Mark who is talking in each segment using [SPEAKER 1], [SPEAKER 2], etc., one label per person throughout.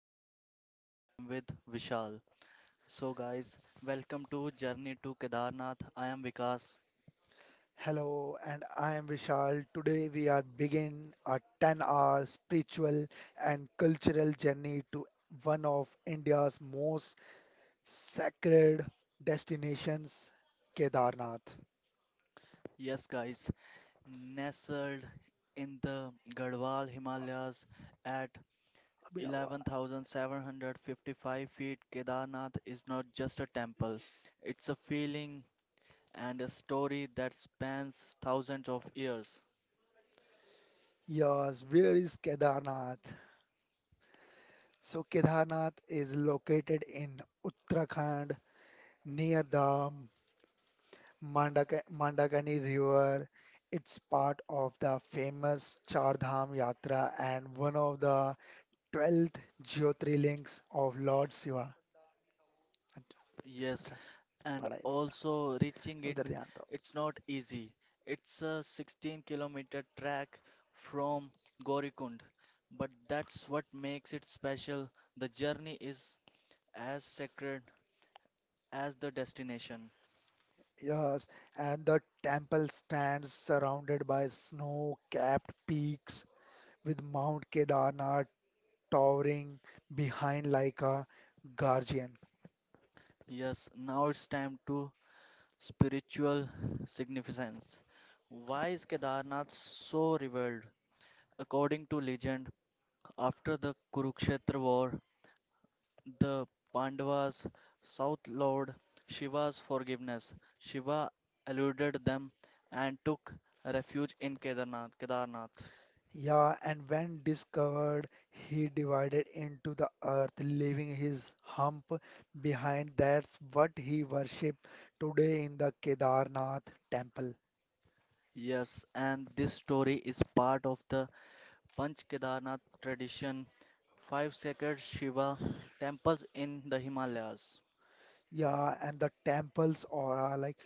[SPEAKER 1] Singh and today I am with Vishal. So guys, welcome to Journey to Kedarnath. I am Vikas.
[SPEAKER 2] Hello, and I am Vishal. Today we are begin a 10-hour spiritual and cultural journey to one of India's most sacred destinations, Kedarnath.
[SPEAKER 1] Yes guys, nestled in the Garhwal Himalayas at
[SPEAKER 2] Abhinava.
[SPEAKER 1] 11,755 feet, Kedarnath is not just a temple. It's a feeling and a story that spans thousands of years.
[SPEAKER 2] Yes, where is Kedarnath? So Kedarnath is located in Uttarakhand near the Mandakani River. It's part of the famous Char Dham Yatra and one of the twelfth Jyotirlings of Lord Shiva. अच्छा
[SPEAKER 1] Yes,
[SPEAKER 2] अच्छा,
[SPEAKER 1] and
[SPEAKER 2] पढ़ा ही नहीं
[SPEAKER 1] also reaching
[SPEAKER 2] था।
[SPEAKER 1] it
[SPEAKER 2] उधर ध्यान दो
[SPEAKER 1] it's not easy. It's a 16-kilometer track from gorikund, but that's what makes it special. The journey is as sacred as the destination.
[SPEAKER 2] Yes, and the temple stands surrounded by snow-capped peaks, with Mount Kedarnath towering behind like a guardian.
[SPEAKER 1] Yes, now it's time to spiritual significance. Why is Kedarnath so revered? According to legend, after the Kurukshetra war, the Pandavas sought Lord Shiva's forgiveness. Shiva eluded them and took refuge in Kedarnath.
[SPEAKER 2] Yeah, and when discovered, he divided into the earth, leaving his hump behind. That's what he worshipped today in the Kedarnath temple.
[SPEAKER 1] Yes, and this story is part of the Panch Kedarnath tradition, five sacred Shiva temples in the Himalayas.
[SPEAKER 2] Yeah, and the temple's aura, like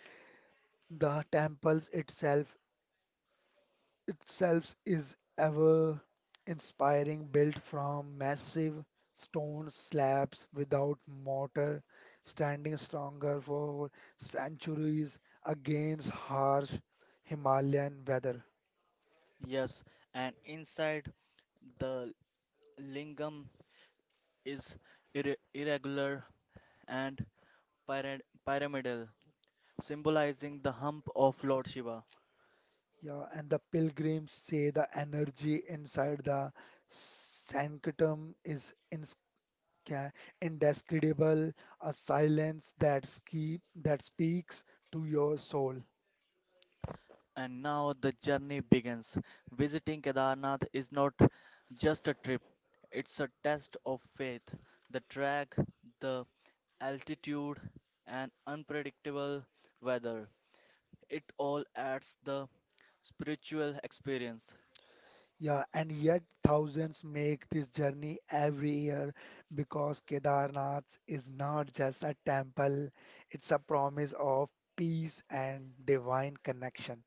[SPEAKER 2] the temples itself is ever inspiring, built from massive stone slabs without mortar, standing stronger for centuries against harsh Himalayan weather.
[SPEAKER 1] Yes, and inside, the lingam is irregular and pyra- pyramidal, symbolizing the hump of Lord Shiva.
[SPEAKER 2] Yeah, and the pilgrims say the energy inside the sanctum is ca- indescribable, a silence that speaks to your soul.
[SPEAKER 1] And now the journey begins. Visiting Kedarnath is not just a trip, it's a test of faith. The track, the altitude, and unpredictable weather. It all adds the spiritual experience.
[SPEAKER 2] Yeah, and yet thousands make this journey every year because Kedarnath is not just a temple, it's a promise of peace and divine connection.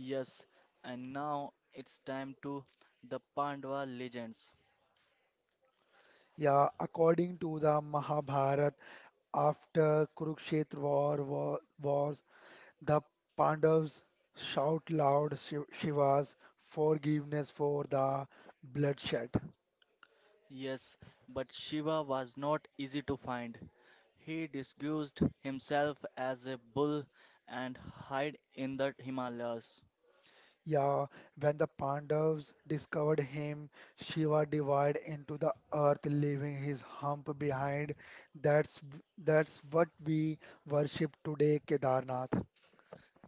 [SPEAKER 1] Yes, and now it's time to the Pandava legends.
[SPEAKER 2] Yeah, according to the Mahabharata, after Kurukshetra war was, the Pandavas shout loud Shiva's forgiveness for the bloodshed.
[SPEAKER 1] Yes, but Shiva was not easy to find. He disguised himself as a bull and hid in the Himalayas.
[SPEAKER 2] Yeah, when the Pandavas discovered him, Shiva divided into the earth, leaving his hump behind. That's that's what we worship today, Kedarnath.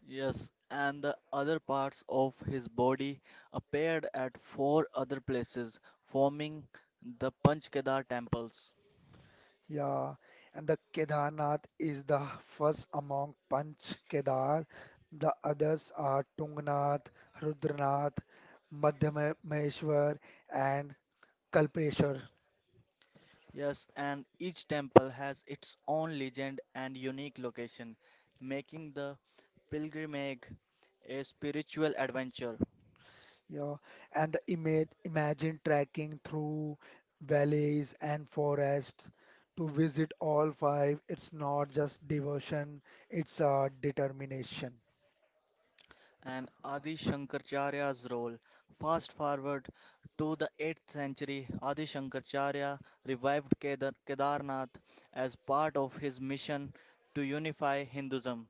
[SPEAKER 1] Yes, and the other parts of his body appeared at four other places, forming the Panchkedar temples.
[SPEAKER 2] Yeah, and the Kedarnath is the first among Panch Kedar. The others are Tungnath, Rudranath, Madhmeshwar, and Kalpeshwar.
[SPEAKER 1] Yes, and each temple has its own legend and unique location, making the pilgrimage a spiritual adventure.
[SPEAKER 2] Yeah, and the image imagine trekking through valleys and forests to visit all five. It's not just devotion; it's a determination.
[SPEAKER 1] And Adi Shankaracharya's role. Fast forward to the 8th century, Adi Shankaracharya revived Kedarnath as part of his mission to unify Hinduism.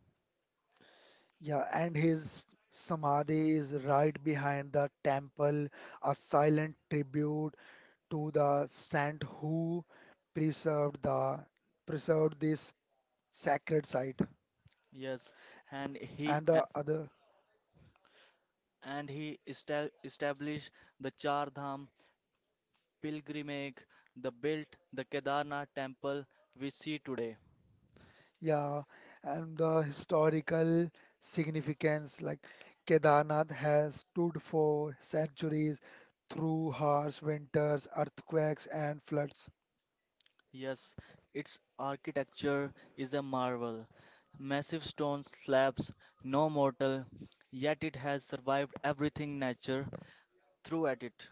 [SPEAKER 2] Yeah, and his samadhi is right behind the temple, a silent tribute to the saint who preserved the preserved this sacred site.
[SPEAKER 1] Yes, and he
[SPEAKER 2] And
[SPEAKER 1] a-
[SPEAKER 2] the other,
[SPEAKER 1] and he established the Char Dham pilgrimage, the built the Kedarnath temple we see today.
[SPEAKER 2] yeah, and the historical significance, like Kedarnath has stood for centuries through harsh winters, earthquakes, and floods.
[SPEAKER 1] Yes, its architecture is a marvel. Massive stone slabs, no mortar, yet it has survived everything nature threw at it.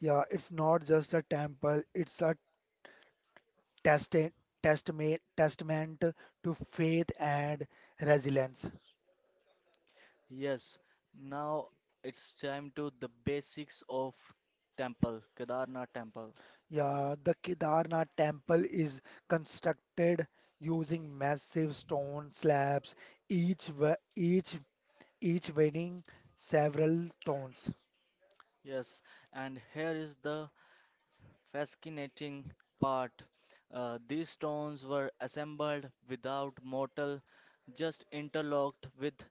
[SPEAKER 2] Yeah, it's not just a temple, it's a testa- testament to faith and resilience.
[SPEAKER 1] Yes, now it's time to the basics of temple, Kedarnath temple.
[SPEAKER 2] Yeah, the Kedarnath temple is constructed using massive stone slabs, each wa- each weighing several tons.
[SPEAKER 1] Yes, and here is the fascinating part. These stones were assembled without mortar, just interlocked with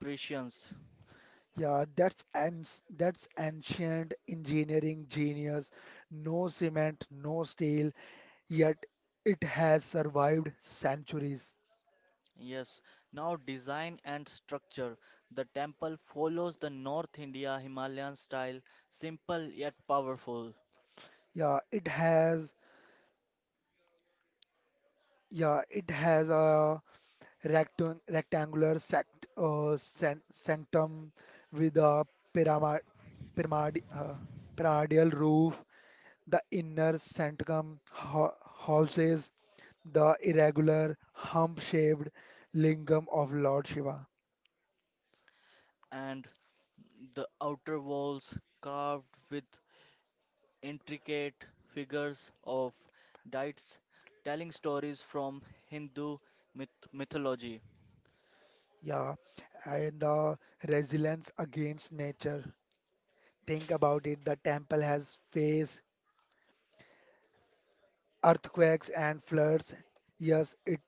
[SPEAKER 1] precisions.
[SPEAKER 2] Yeah, that's ancient engineering genius. No cement, no steel, yet it has survived centuries.
[SPEAKER 1] Yes, now design and structure. The temple follows the North India Himalayan style, simple yet powerful,
[SPEAKER 2] Yeah, it has a rectangular sanctum with a pyramid- pyramid- uh, pyramidal roof. The inner sanctum houses the irregular hump-shaped lingam of Lord Shiva.
[SPEAKER 1] and the outer walls carved with intricate figures of deities telling stories from Hindu mythology.
[SPEAKER 2] Yeah, and the resilience against nature. Think about it. The temple has faced earthquakes and floods. Yes, it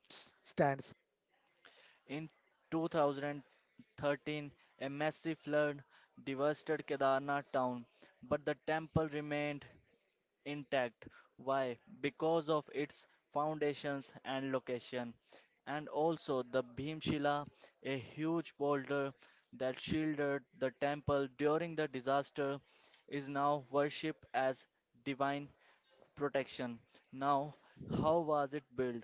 [SPEAKER 2] stands.
[SPEAKER 1] In 2013, a massive flood devastated Kedarnath town, but the temple remained intact. Why? Because of its foundations and location. And also the Bhimshila, a huge boulder that shielded the temple during the disaster, is now worshipped as divine protection. Now, how was it built?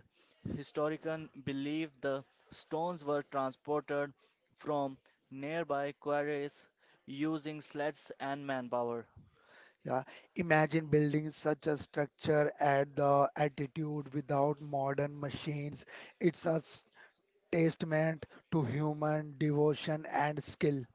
[SPEAKER 1] Historians believe the stones were transported from nearby quarries using sleds and manpower.
[SPEAKER 2] Yeah, imagine building such a structure at the altitude without modern machines. It's a testament to human devotion and skill.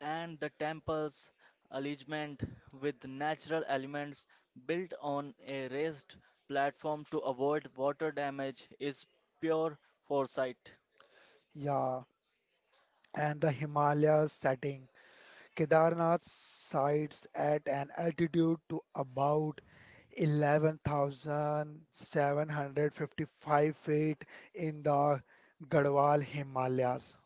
[SPEAKER 1] And the temple's alignment with natural elements built on a raised platform to avoid water damage is pure foresight.
[SPEAKER 2] Yeah, and the Himalayas setting. Kedarnath sites at an altitude to about 11,755 feet in the Garhwal Himalayas.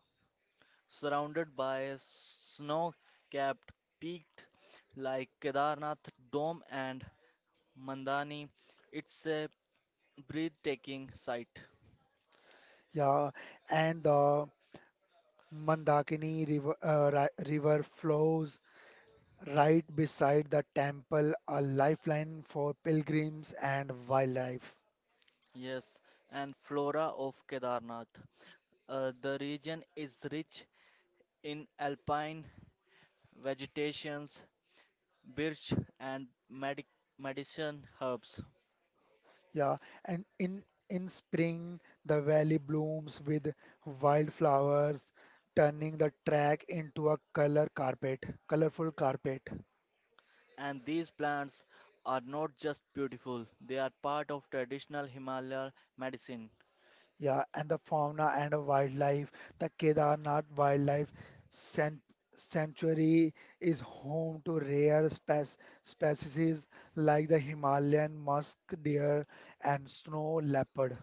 [SPEAKER 1] Surrounded by snow capped peaks like Kedarnath Dome and Mandani, it's a breathtaking sight.
[SPEAKER 2] Yeah, and the Mandakini river flows right beside the temple, a lifeline for pilgrims and wildlife.
[SPEAKER 1] Yes, and flora of Kedarnath. The region is rich in alpine vegetations. Birch, and medicine herbs.
[SPEAKER 2] Yeah, and in spring the valley blooms with wildflowers, turning the track into a colorful carpet.
[SPEAKER 1] And these plants are not just beautiful, they are part of traditional Himalayan medicine.
[SPEAKER 2] Yeah, and the fauna and the wildlife, the Kedarnath Wildlife San- Sanctuary is home to rare species like the Himalayan musk deer and snow leopard.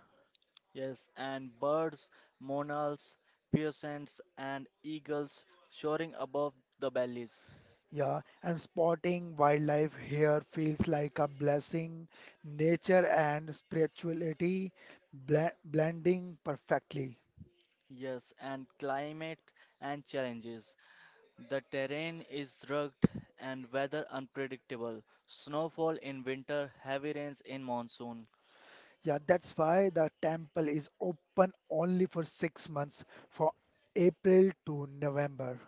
[SPEAKER 1] Yes, and birds, monals, peasants, and eagles soaring above the valleys.
[SPEAKER 2] Yeah, and spotting wildlife here feels like a blessing. Nature and spirituality blending perfectly.
[SPEAKER 1] Yes, and climate and challenges. The terrain is rugged and weather unpredictable. Snowfall in winter, heavy rains in monsoon.
[SPEAKER 2] Yeah, that's why the temple is open only for 6 months, for April to November.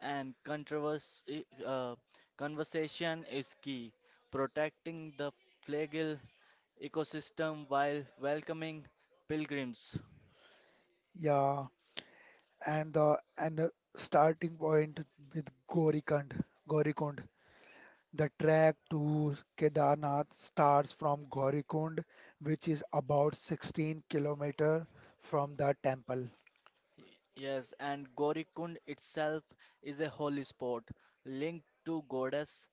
[SPEAKER 1] And controversy, conversation is key. Protecting the Flagel ecosystem while welcoming pilgrims.
[SPEAKER 2] Yeah, and the starting point with Gorikund. The trek to Kedarnath starts from Gorikund, which is about 16-kilometer from the temple.
[SPEAKER 1] Yes, and Gorikund itself is a holy spot linked to goddess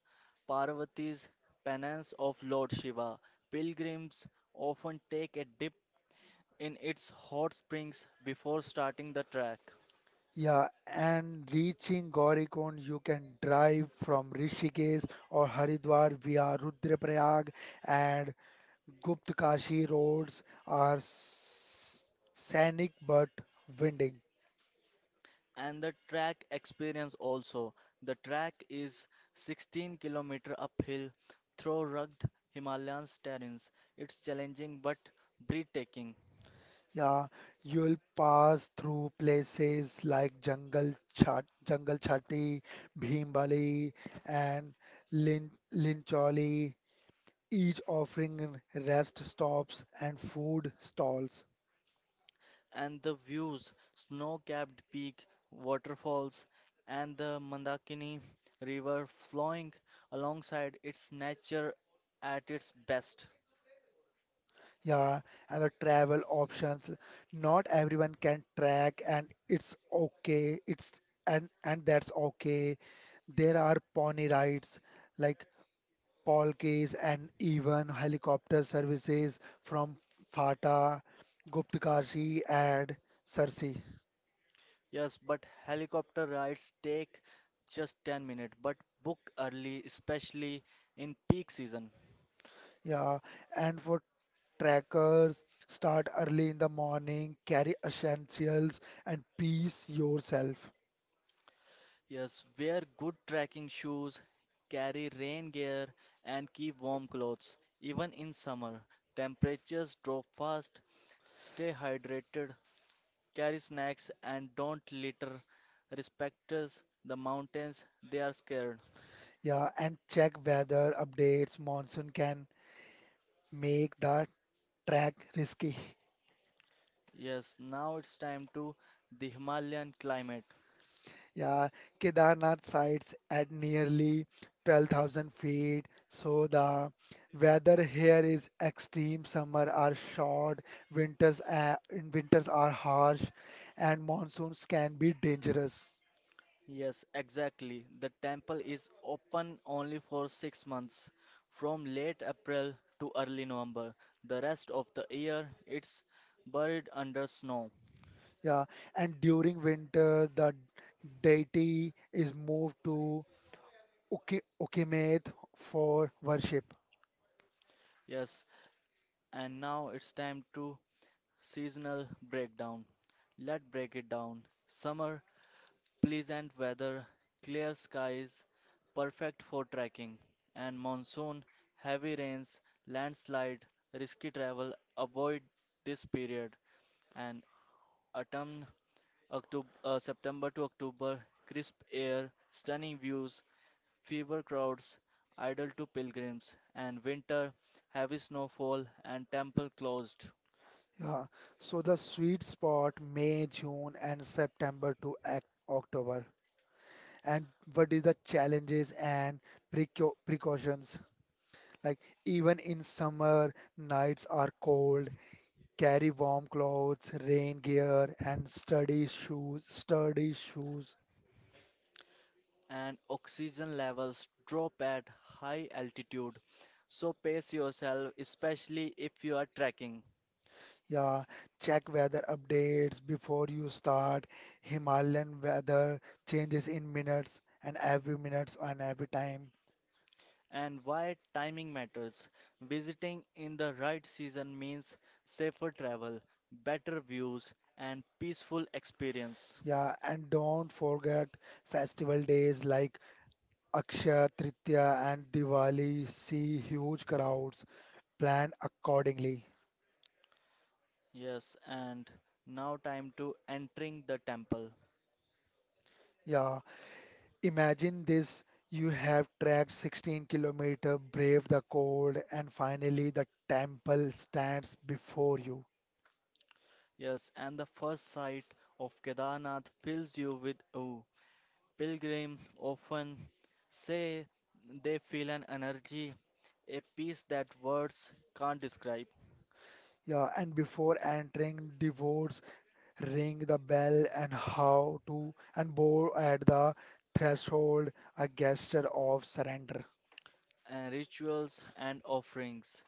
[SPEAKER 1] Parvati's penance of Lord Shiva. Pilgrims often take a dip in its hot springs before starting the trek.
[SPEAKER 2] Yeah, and reaching Gaurikund, you can drive from Rishikesh or Haridwar via Rudraprayag and Gupt Kashi roads are scenic but winding.
[SPEAKER 1] And the track experience also. The track is 16 km uphill through rugged Himalayan terrains. It's challenging but breathtaking,
[SPEAKER 2] Yeah, you'll pass through places like Jungle Chatti, Bhimbali, and Lincholi, each offering rest stops and food stalls.
[SPEAKER 1] and the views, snow-capped peak, waterfalls, and the Mandakini River flowing alongside, its nature at its best.
[SPEAKER 2] Yeah, and the travel options. Not everyone can track, and it's okay. It's and that's okay. There are pony rides like palkis and even helicopter services from Fata, Guptkashi and Sarsi.
[SPEAKER 1] Yes, but helicopter rides take just 10 minutes, but book early, especially in peak season.
[SPEAKER 2] Yeah, and for trackers, start early in the morning, carry essentials and pace yourself.
[SPEAKER 1] Yes, wear good trekking shoes, carry rain gear, and keep warm clothes. Even in summer, temperatures drop fast. Stay hydrated, carry snacks, and don't litter. Respect us, the mountains, they are scared.
[SPEAKER 2] Yeah, and check weather updates. Monsoon can make the track risky.
[SPEAKER 1] Yes, now it's time to the Himalayan climate.
[SPEAKER 2] Yeah, Kedarnath sites at nearly 12,000 feet, so the weather here is extreme. Summer are short, winters in winters are harsh, and monsoons can be dangerous.
[SPEAKER 1] Yes, exactly. The temple is open only for 6 months, from late April to early November. The rest of the year, it's buried under snow.
[SPEAKER 2] Yeah, and during winter, the deity is moved to Ukimet for worship.
[SPEAKER 1] Yes, and now it's time to seasonal breakdown. Let's break it down. Summer, pleasant weather, clear skies, perfect for trekking, and monsoon, heavy rains, landslide, risky travel. Avoid this period. And autumn October, September to October, crisp air, stunning views, fever crowds, idle to pilgrims, and winter, heavy snowfall, and temple closed,
[SPEAKER 2] Yeah, so the sweet spot May, June, and September to October. And what is the challenges and precautions? Like, even in summer, nights are cold. Carry warm clothes, rain gear, and sturdy shoes.
[SPEAKER 1] and oxygen levels drop at high altitude. So pace yourself, especially if you are trekking.
[SPEAKER 2] Yeah, check weather updates before you start. Himalayan weather changes in minutes and every time.
[SPEAKER 1] And why timing matters. Visiting in the right season means safer travel, better views, and peaceful experience.
[SPEAKER 2] Yeah, and don't forget festival days like Akshaya Tritiya and Diwali see huge crowds. Plan accordingly.
[SPEAKER 1] Yes, and now time to entering the temple.
[SPEAKER 2] Yeah, imagine this. You have tracked 16-kilometer, braved the cold, and finally the temple stands before you.
[SPEAKER 1] Yes, and the first sight of Kedarnath fills you with awe. Pilgrims often say they feel an energy, a peace that words can't describe,
[SPEAKER 2] Yeah, and before entering, divorce, ring the bell, and how to, and bow at the threshold, a gesture of surrender.
[SPEAKER 1] and rituals and offerings.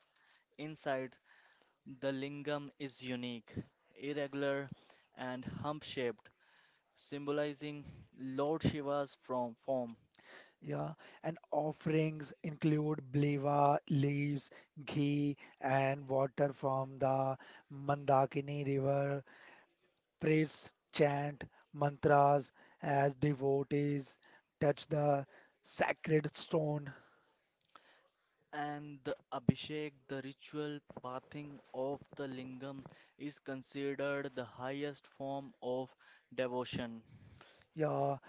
[SPEAKER 1] Inside, the lingam is unique, irregular, and hump shaped, symbolizing Lord Shiva's from form.
[SPEAKER 2] Yeah, and offerings include bleva, leaves, ghee, and water from the Mandakini River. Priests chant mantras as devotees touch the sacred stone.
[SPEAKER 1] And the Abhishek, the ritual pathing of the lingam, is considered the highest form of devotion.
[SPEAKER 2] Yeah,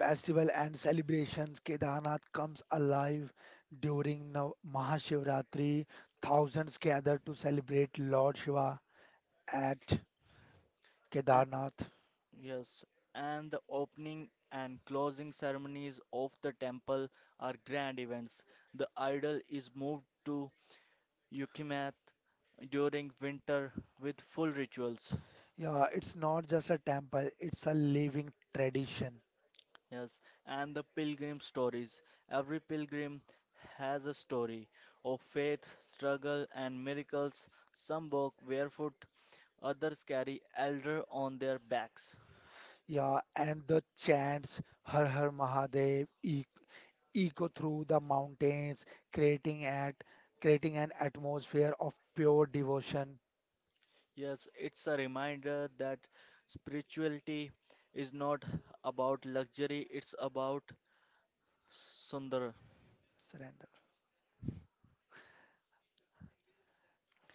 [SPEAKER 2] festival and celebrations. Kedarnath comes alive during Mahashivratri. Thousands gather to celebrate Lord Shiva at
[SPEAKER 1] A-
[SPEAKER 2] Kedarnath.
[SPEAKER 1] Yes, and the opening and closing ceremonies of the temple are grand events. The idol is moved to Yukimath during winter with full rituals.
[SPEAKER 2] Yeah, it's not just a temple, it's a living tradition.
[SPEAKER 1] Yes, and the pilgrim stories. Every pilgrim has a story of faith, struggle, and miracles. Some walk barefoot, others carry elder on their backs.
[SPEAKER 2] Yeah, and the chants Har Har Mahadev, echo through the mountains, creating at creating an atmosphere of pure devotion,
[SPEAKER 1] Yes, it's a reminder that spirituality is not about luxury, it's about sundar.
[SPEAKER 2] surrender.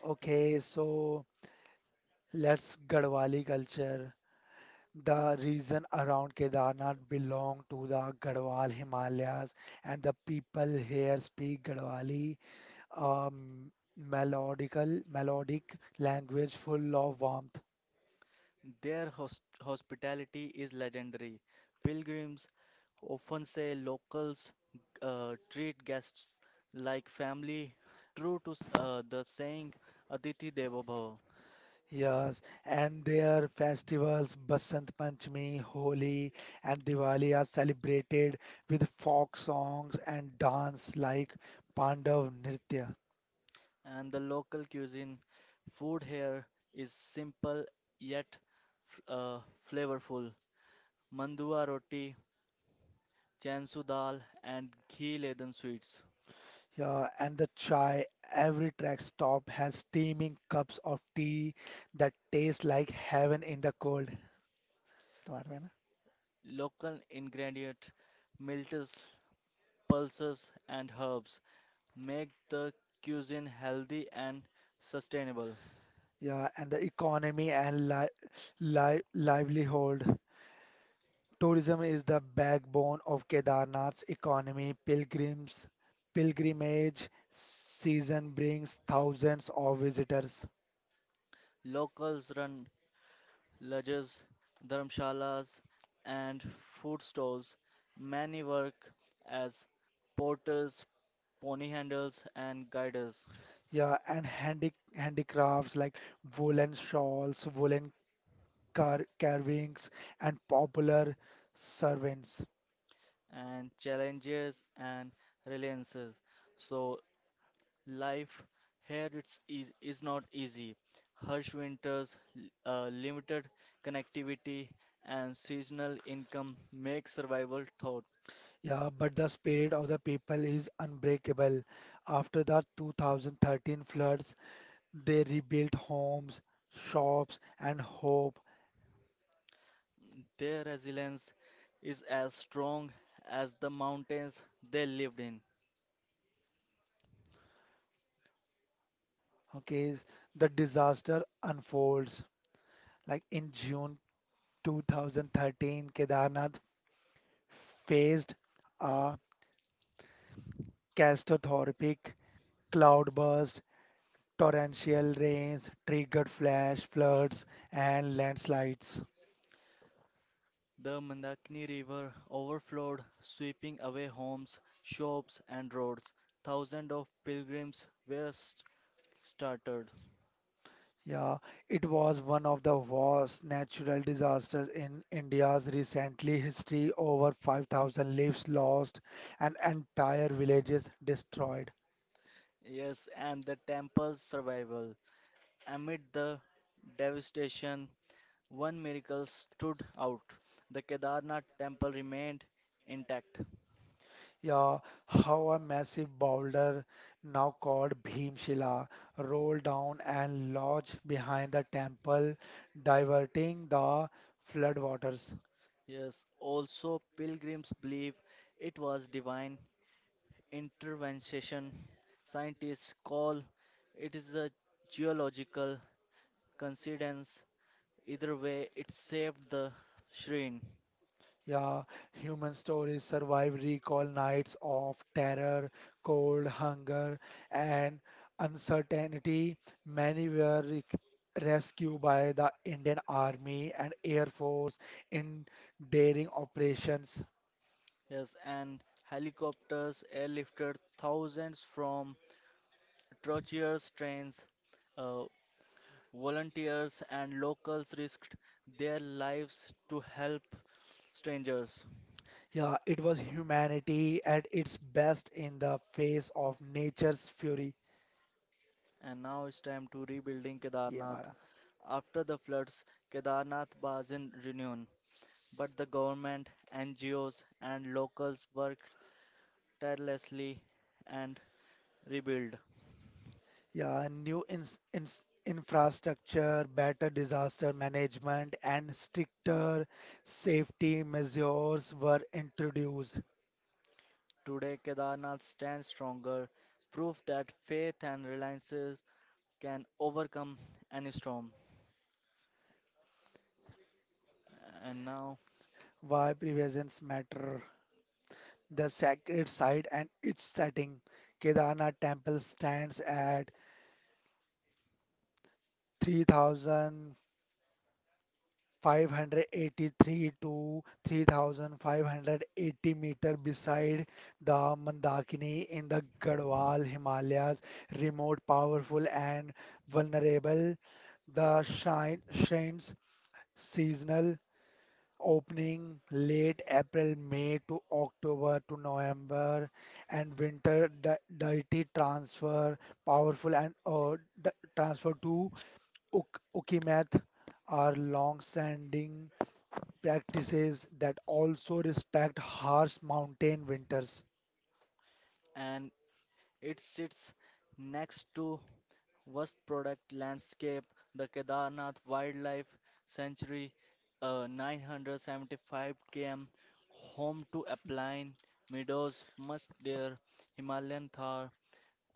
[SPEAKER 2] Okay, so let's Garhwali culture. The region around Kedarnath belong to the Garhwal Himalayas, and the people here speak Garhwali, um, melodic language full of warmth.
[SPEAKER 1] Their hospitality is legendary. Pilgrims often say locals treat guests like family, true to the saying Aditi Devo Bhava.
[SPEAKER 2] Yes, and their festivals, Basant Panchami, Holi, and Diwali are celebrated with folk songs and dance like Pandav Nritya.
[SPEAKER 1] And the local cuisine, food here is simple yet f- uh, flavorful. Mandua roti, chansu dal, and ghee-laden sweets.
[SPEAKER 2] Yeah, and the chai, every track stop has steaming cups of tea that taste like heaven in the cold. तुम्हारे में ना?
[SPEAKER 1] Local ingredient, milters, pulses, and herbs make the cuisine healthy and sustainable.
[SPEAKER 2] Yeah, and the economy and li li livelihood. Tourism is the backbone of Kedarnath's economy. Pilgrims pilgrimage season brings thousands of visitors.
[SPEAKER 1] Locals run lodges, dharmshalas, and food stalls. Many work as porters, pony handlers, and guiders,
[SPEAKER 2] Yeah, and handicrafts like woolen shawls, woolen carvings, and popular servants.
[SPEAKER 1] and challengers and relances. So life here is not easy. Harsh winters, limited connectivity, and seasonal income make survival tough.
[SPEAKER 2] Yeah, but the spirit of the people is unbreakable. After the 2013 floods, they rebuilt homes, shops, and hope.
[SPEAKER 1] Their resilience is as strong as the mountains they lived in.
[SPEAKER 2] Okay, is the disaster unfolds. Like in June 2013, Kedarnath faced a catastrophic cloudburst, torrential rains, triggered flash floods, and landslides.
[SPEAKER 1] The Mandakini River overflowed, sweeping away homes, shops, and roads. Thousands of pilgrims were started.
[SPEAKER 2] Yeah, it was one of the worst natural disasters in India's recently history. Over 5,000 lives lost and entire villages destroyed.
[SPEAKER 1] Yes, and the temple's survival. Amid the devastation, one miracle stood out. The Kedarnath temple remained intact.
[SPEAKER 2] Yeah, how a massive boulder, now called Bhimshila, rolled down and lodged behind the temple, diverting the floodwaters.
[SPEAKER 1] Yes, also pilgrims believe it was divine intervention. Scientists call it is a geological coincidence. Either way, it saved the shrine.
[SPEAKER 2] Yeah, human stories survive recall nights of terror, cold, hunger, and uncertainty. Many were rescued by the Indian Army and Air Force in daring operations.
[SPEAKER 1] Yes, and helicopters airlifted thousands from treacherous trains. Uh, Volunteers and locals risked their lives to help strangers.
[SPEAKER 2] Yeah, it was humanity at its best in the face of nature's fury.
[SPEAKER 1] And now it's time to rebuilding
[SPEAKER 2] ये
[SPEAKER 1] Kedarnath.
[SPEAKER 2] हमारा
[SPEAKER 1] After the floods, Kedarnath was in ruin. But the government, NGOs, and locals worked tirelessly and rebuild.
[SPEAKER 2] Yeah, new ins ins infrastructure, better disaster management, and stricter safety measures were introduced.
[SPEAKER 1] Today, Kedarnath stands stronger, proof that faith and reliances can overcome any storm. And now,
[SPEAKER 2] Why preventions matter? The sacred site and its setting. Kedarnath temple stands at 3,000. 583 to 3,580 meter beside the Mandakini in the Garhwal Himalayas, remote, powerful, and vulnerable. The shrine's seasonal opening late April, May to October to November, and winter deity transfer, powerful and transfer to Ukimet are long-standing practices that also respect harsh mountain winters.
[SPEAKER 1] and it sits next to vast product landscape, the Kedarnath Wildlife Sanctuary, a 975 km home to alpine meadows, much deer, Himalayan thar,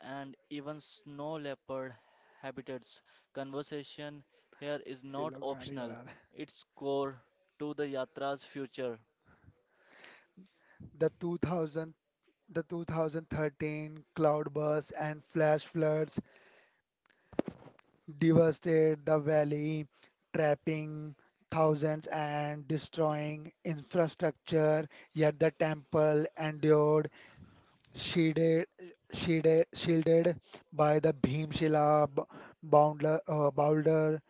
[SPEAKER 1] and even snow leopard habitats. Conservation here is
[SPEAKER 2] ये
[SPEAKER 1] not
[SPEAKER 2] लोग गाड़ी
[SPEAKER 1] optional,
[SPEAKER 2] उड़ा रहे हैं।
[SPEAKER 1] it's core to the Yatra's future.
[SPEAKER 2] The 2000 the 2013 cloudbursts and flash floods devastated the valley, trapping thousands and destroying infrastructure. Yet the temple endured, shielded, shielded by the Bhimshila b- boulder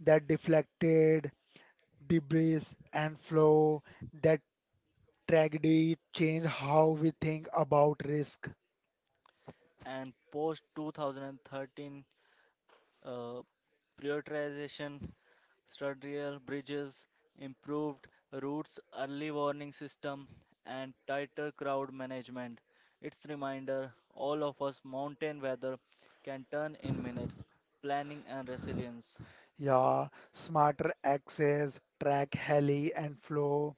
[SPEAKER 2] that deflected the breeze and flow, that tragedy change how we think about risk.
[SPEAKER 1] And post 2013 uh, prioritization, sturdier bridges, improved routes, early warning system, and tighter crowd management. It's reminder all of us mountain weather can turn in minutes planning and resilience.
[SPEAKER 2] Yeah, smarter access, track Heli and flow.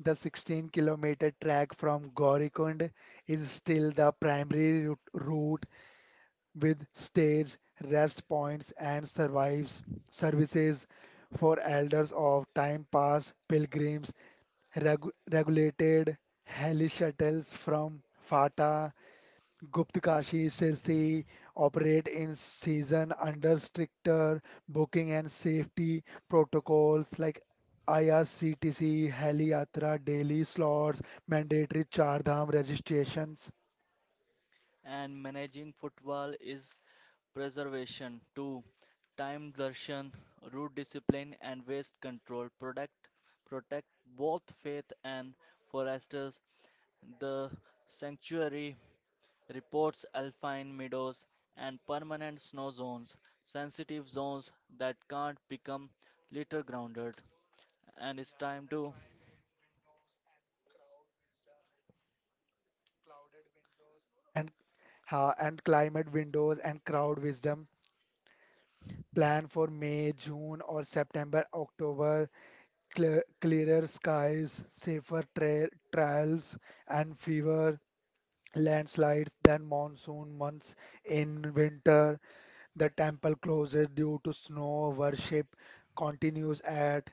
[SPEAKER 2] The 16-kilometer track from Gaurikund is still the primary route with stays, rest points, and survives services for elders of time past pilgrims, regulated heli shuttles from Fata Guptkashi Silsi operate in season under stricter booking and safety protocols like IRCTC, Heli Yatra, daily slots, mandatory Char Dham registrations,
[SPEAKER 1] And managing football is preservation to time darshan, root discipline, and waste control protect both faith and foresters. The sanctuary reports alpine meadows and permanent snow zones, sensitive zones that can't become litter grounded. And it's time to,
[SPEAKER 2] and, and climate windows and crowd wisdom. Plan for May, June, or September, October. Clearer skies, safer trails, and fewer landslides than monsoon months in winter. The temple closed due to snow. Worship continues at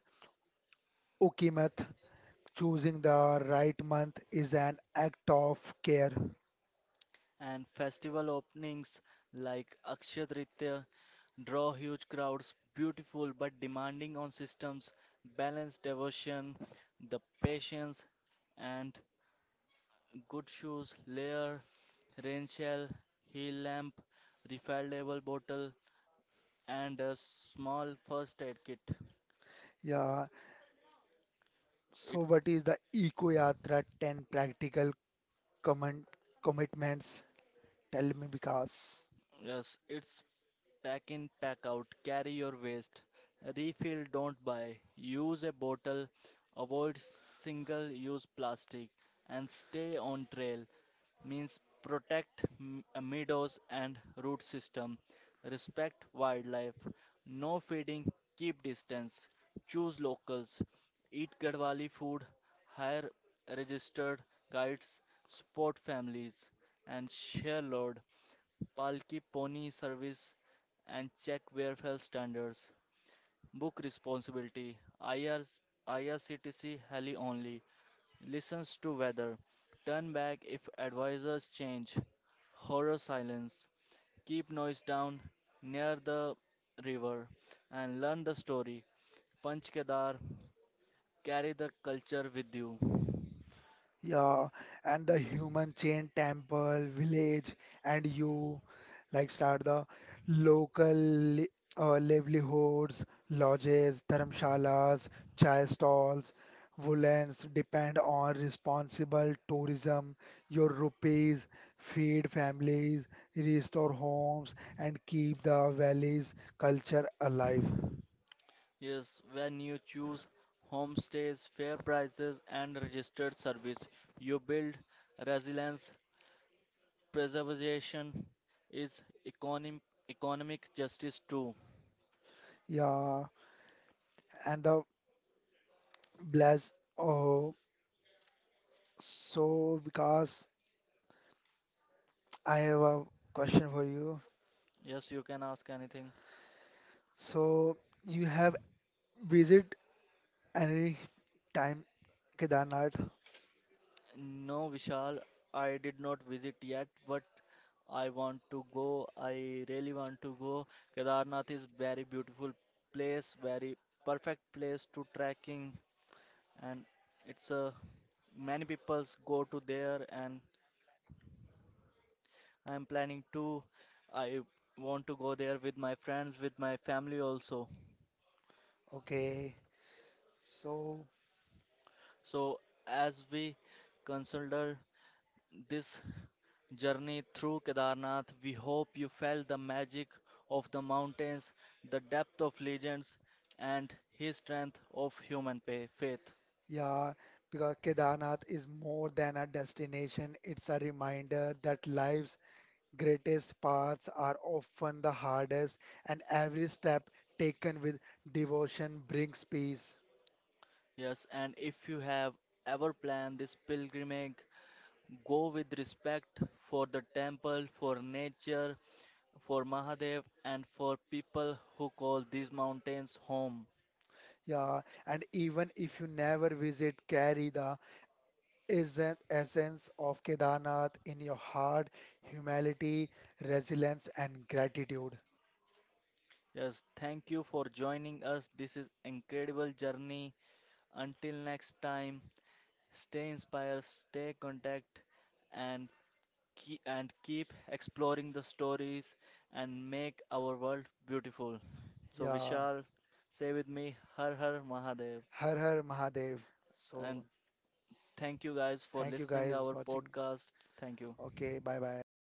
[SPEAKER 2] Ukimath. Choosing the right month is an act of care.
[SPEAKER 1] and festival openings like Akshaya Tritiya draw huge crowds, beautiful but demanding on systems, balance devotion, the patience and good shoes, layer, rain shell, heel lamp, refillable bottle and a small first aid kit.
[SPEAKER 2] Yeah. So,
[SPEAKER 1] It's
[SPEAKER 2] what is the Eco Yatra 10 practical comment, commitments? Tell me, Vikas.
[SPEAKER 1] Yes, it's pack in, pack out, carry your waste, refill, don't buy, use a bottle, avoid single use plastic and stay on trail. Means protect meadows and root system, respect wildlife, no feeding, keep distance, choose locals, eat Gadwali food, hire registered guides, support families, and share load, palki pony service, and check welfare standards. Book responsibility, IRS, IRCTC heli only, listens to weather, turn back if advisors change, horror silence, keep noise down near the river, and learn the story. Panch Kedar, carry the culture with you.
[SPEAKER 2] Yeah, and the human chain temple, village, and you like start the local livelihoods, lodges, dharmshalas, chai stalls, woolens depend on responsible tourism. Your rupees feed families, restore homes, and keep the valley's culture alive.
[SPEAKER 1] Yes, when you choose homestays, fair prices, and registered service, you build resilience. Preservation is economic justice too.
[SPEAKER 2] Yeah, and the bless. Oh, so because. I have a question for you.
[SPEAKER 1] Yes, you can ask anything.
[SPEAKER 2] So you have visit any time Kedarnath?
[SPEAKER 1] No, Vishal, I did not visit yet, but I want to go. I really want to go. Kedarnath is very beautiful place, very perfect place to trekking, and it's a many peoples go to there, and I am planning to. I want to go there with my friends, with my family also.
[SPEAKER 2] Okay. So
[SPEAKER 1] So as we consider this journey through Kedarnath. We hope you felt the magic of the mountains, the depth of legends, and his strength of human faith.
[SPEAKER 2] yeah, because Kedarnath is more than a destination, it's a reminder that life's greatest paths are often the hardest, and every step taken with devotion brings peace.
[SPEAKER 1] Yes, and if you have ever planned this pilgrimage, go with respect for the temple, for nature, for Mahadev, and for people who call these mountains home.
[SPEAKER 2] Yeah, and even if you never visit, carry the is an essence of Kedarnath in your heart, humility, resilience, and gratitude.
[SPEAKER 1] Yes, thank you for joining us. This is incredible journey. Until next time, stay inspired, stay contact, and keep exploring the stories and make our world beautiful. So
[SPEAKER 2] Yeah.
[SPEAKER 1] Vishal, say with me, Har Har Mahadev,
[SPEAKER 2] Har Har Mahadev. So
[SPEAKER 1] and thank you guys for
[SPEAKER 2] thank you
[SPEAKER 1] listening
[SPEAKER 2] guys
[SPEAKER 1] our
[SPEAKER 2] watching.
[SPEAKER 1] podcast. Thank you.
[SPEAKER 2] Okay, bye bye.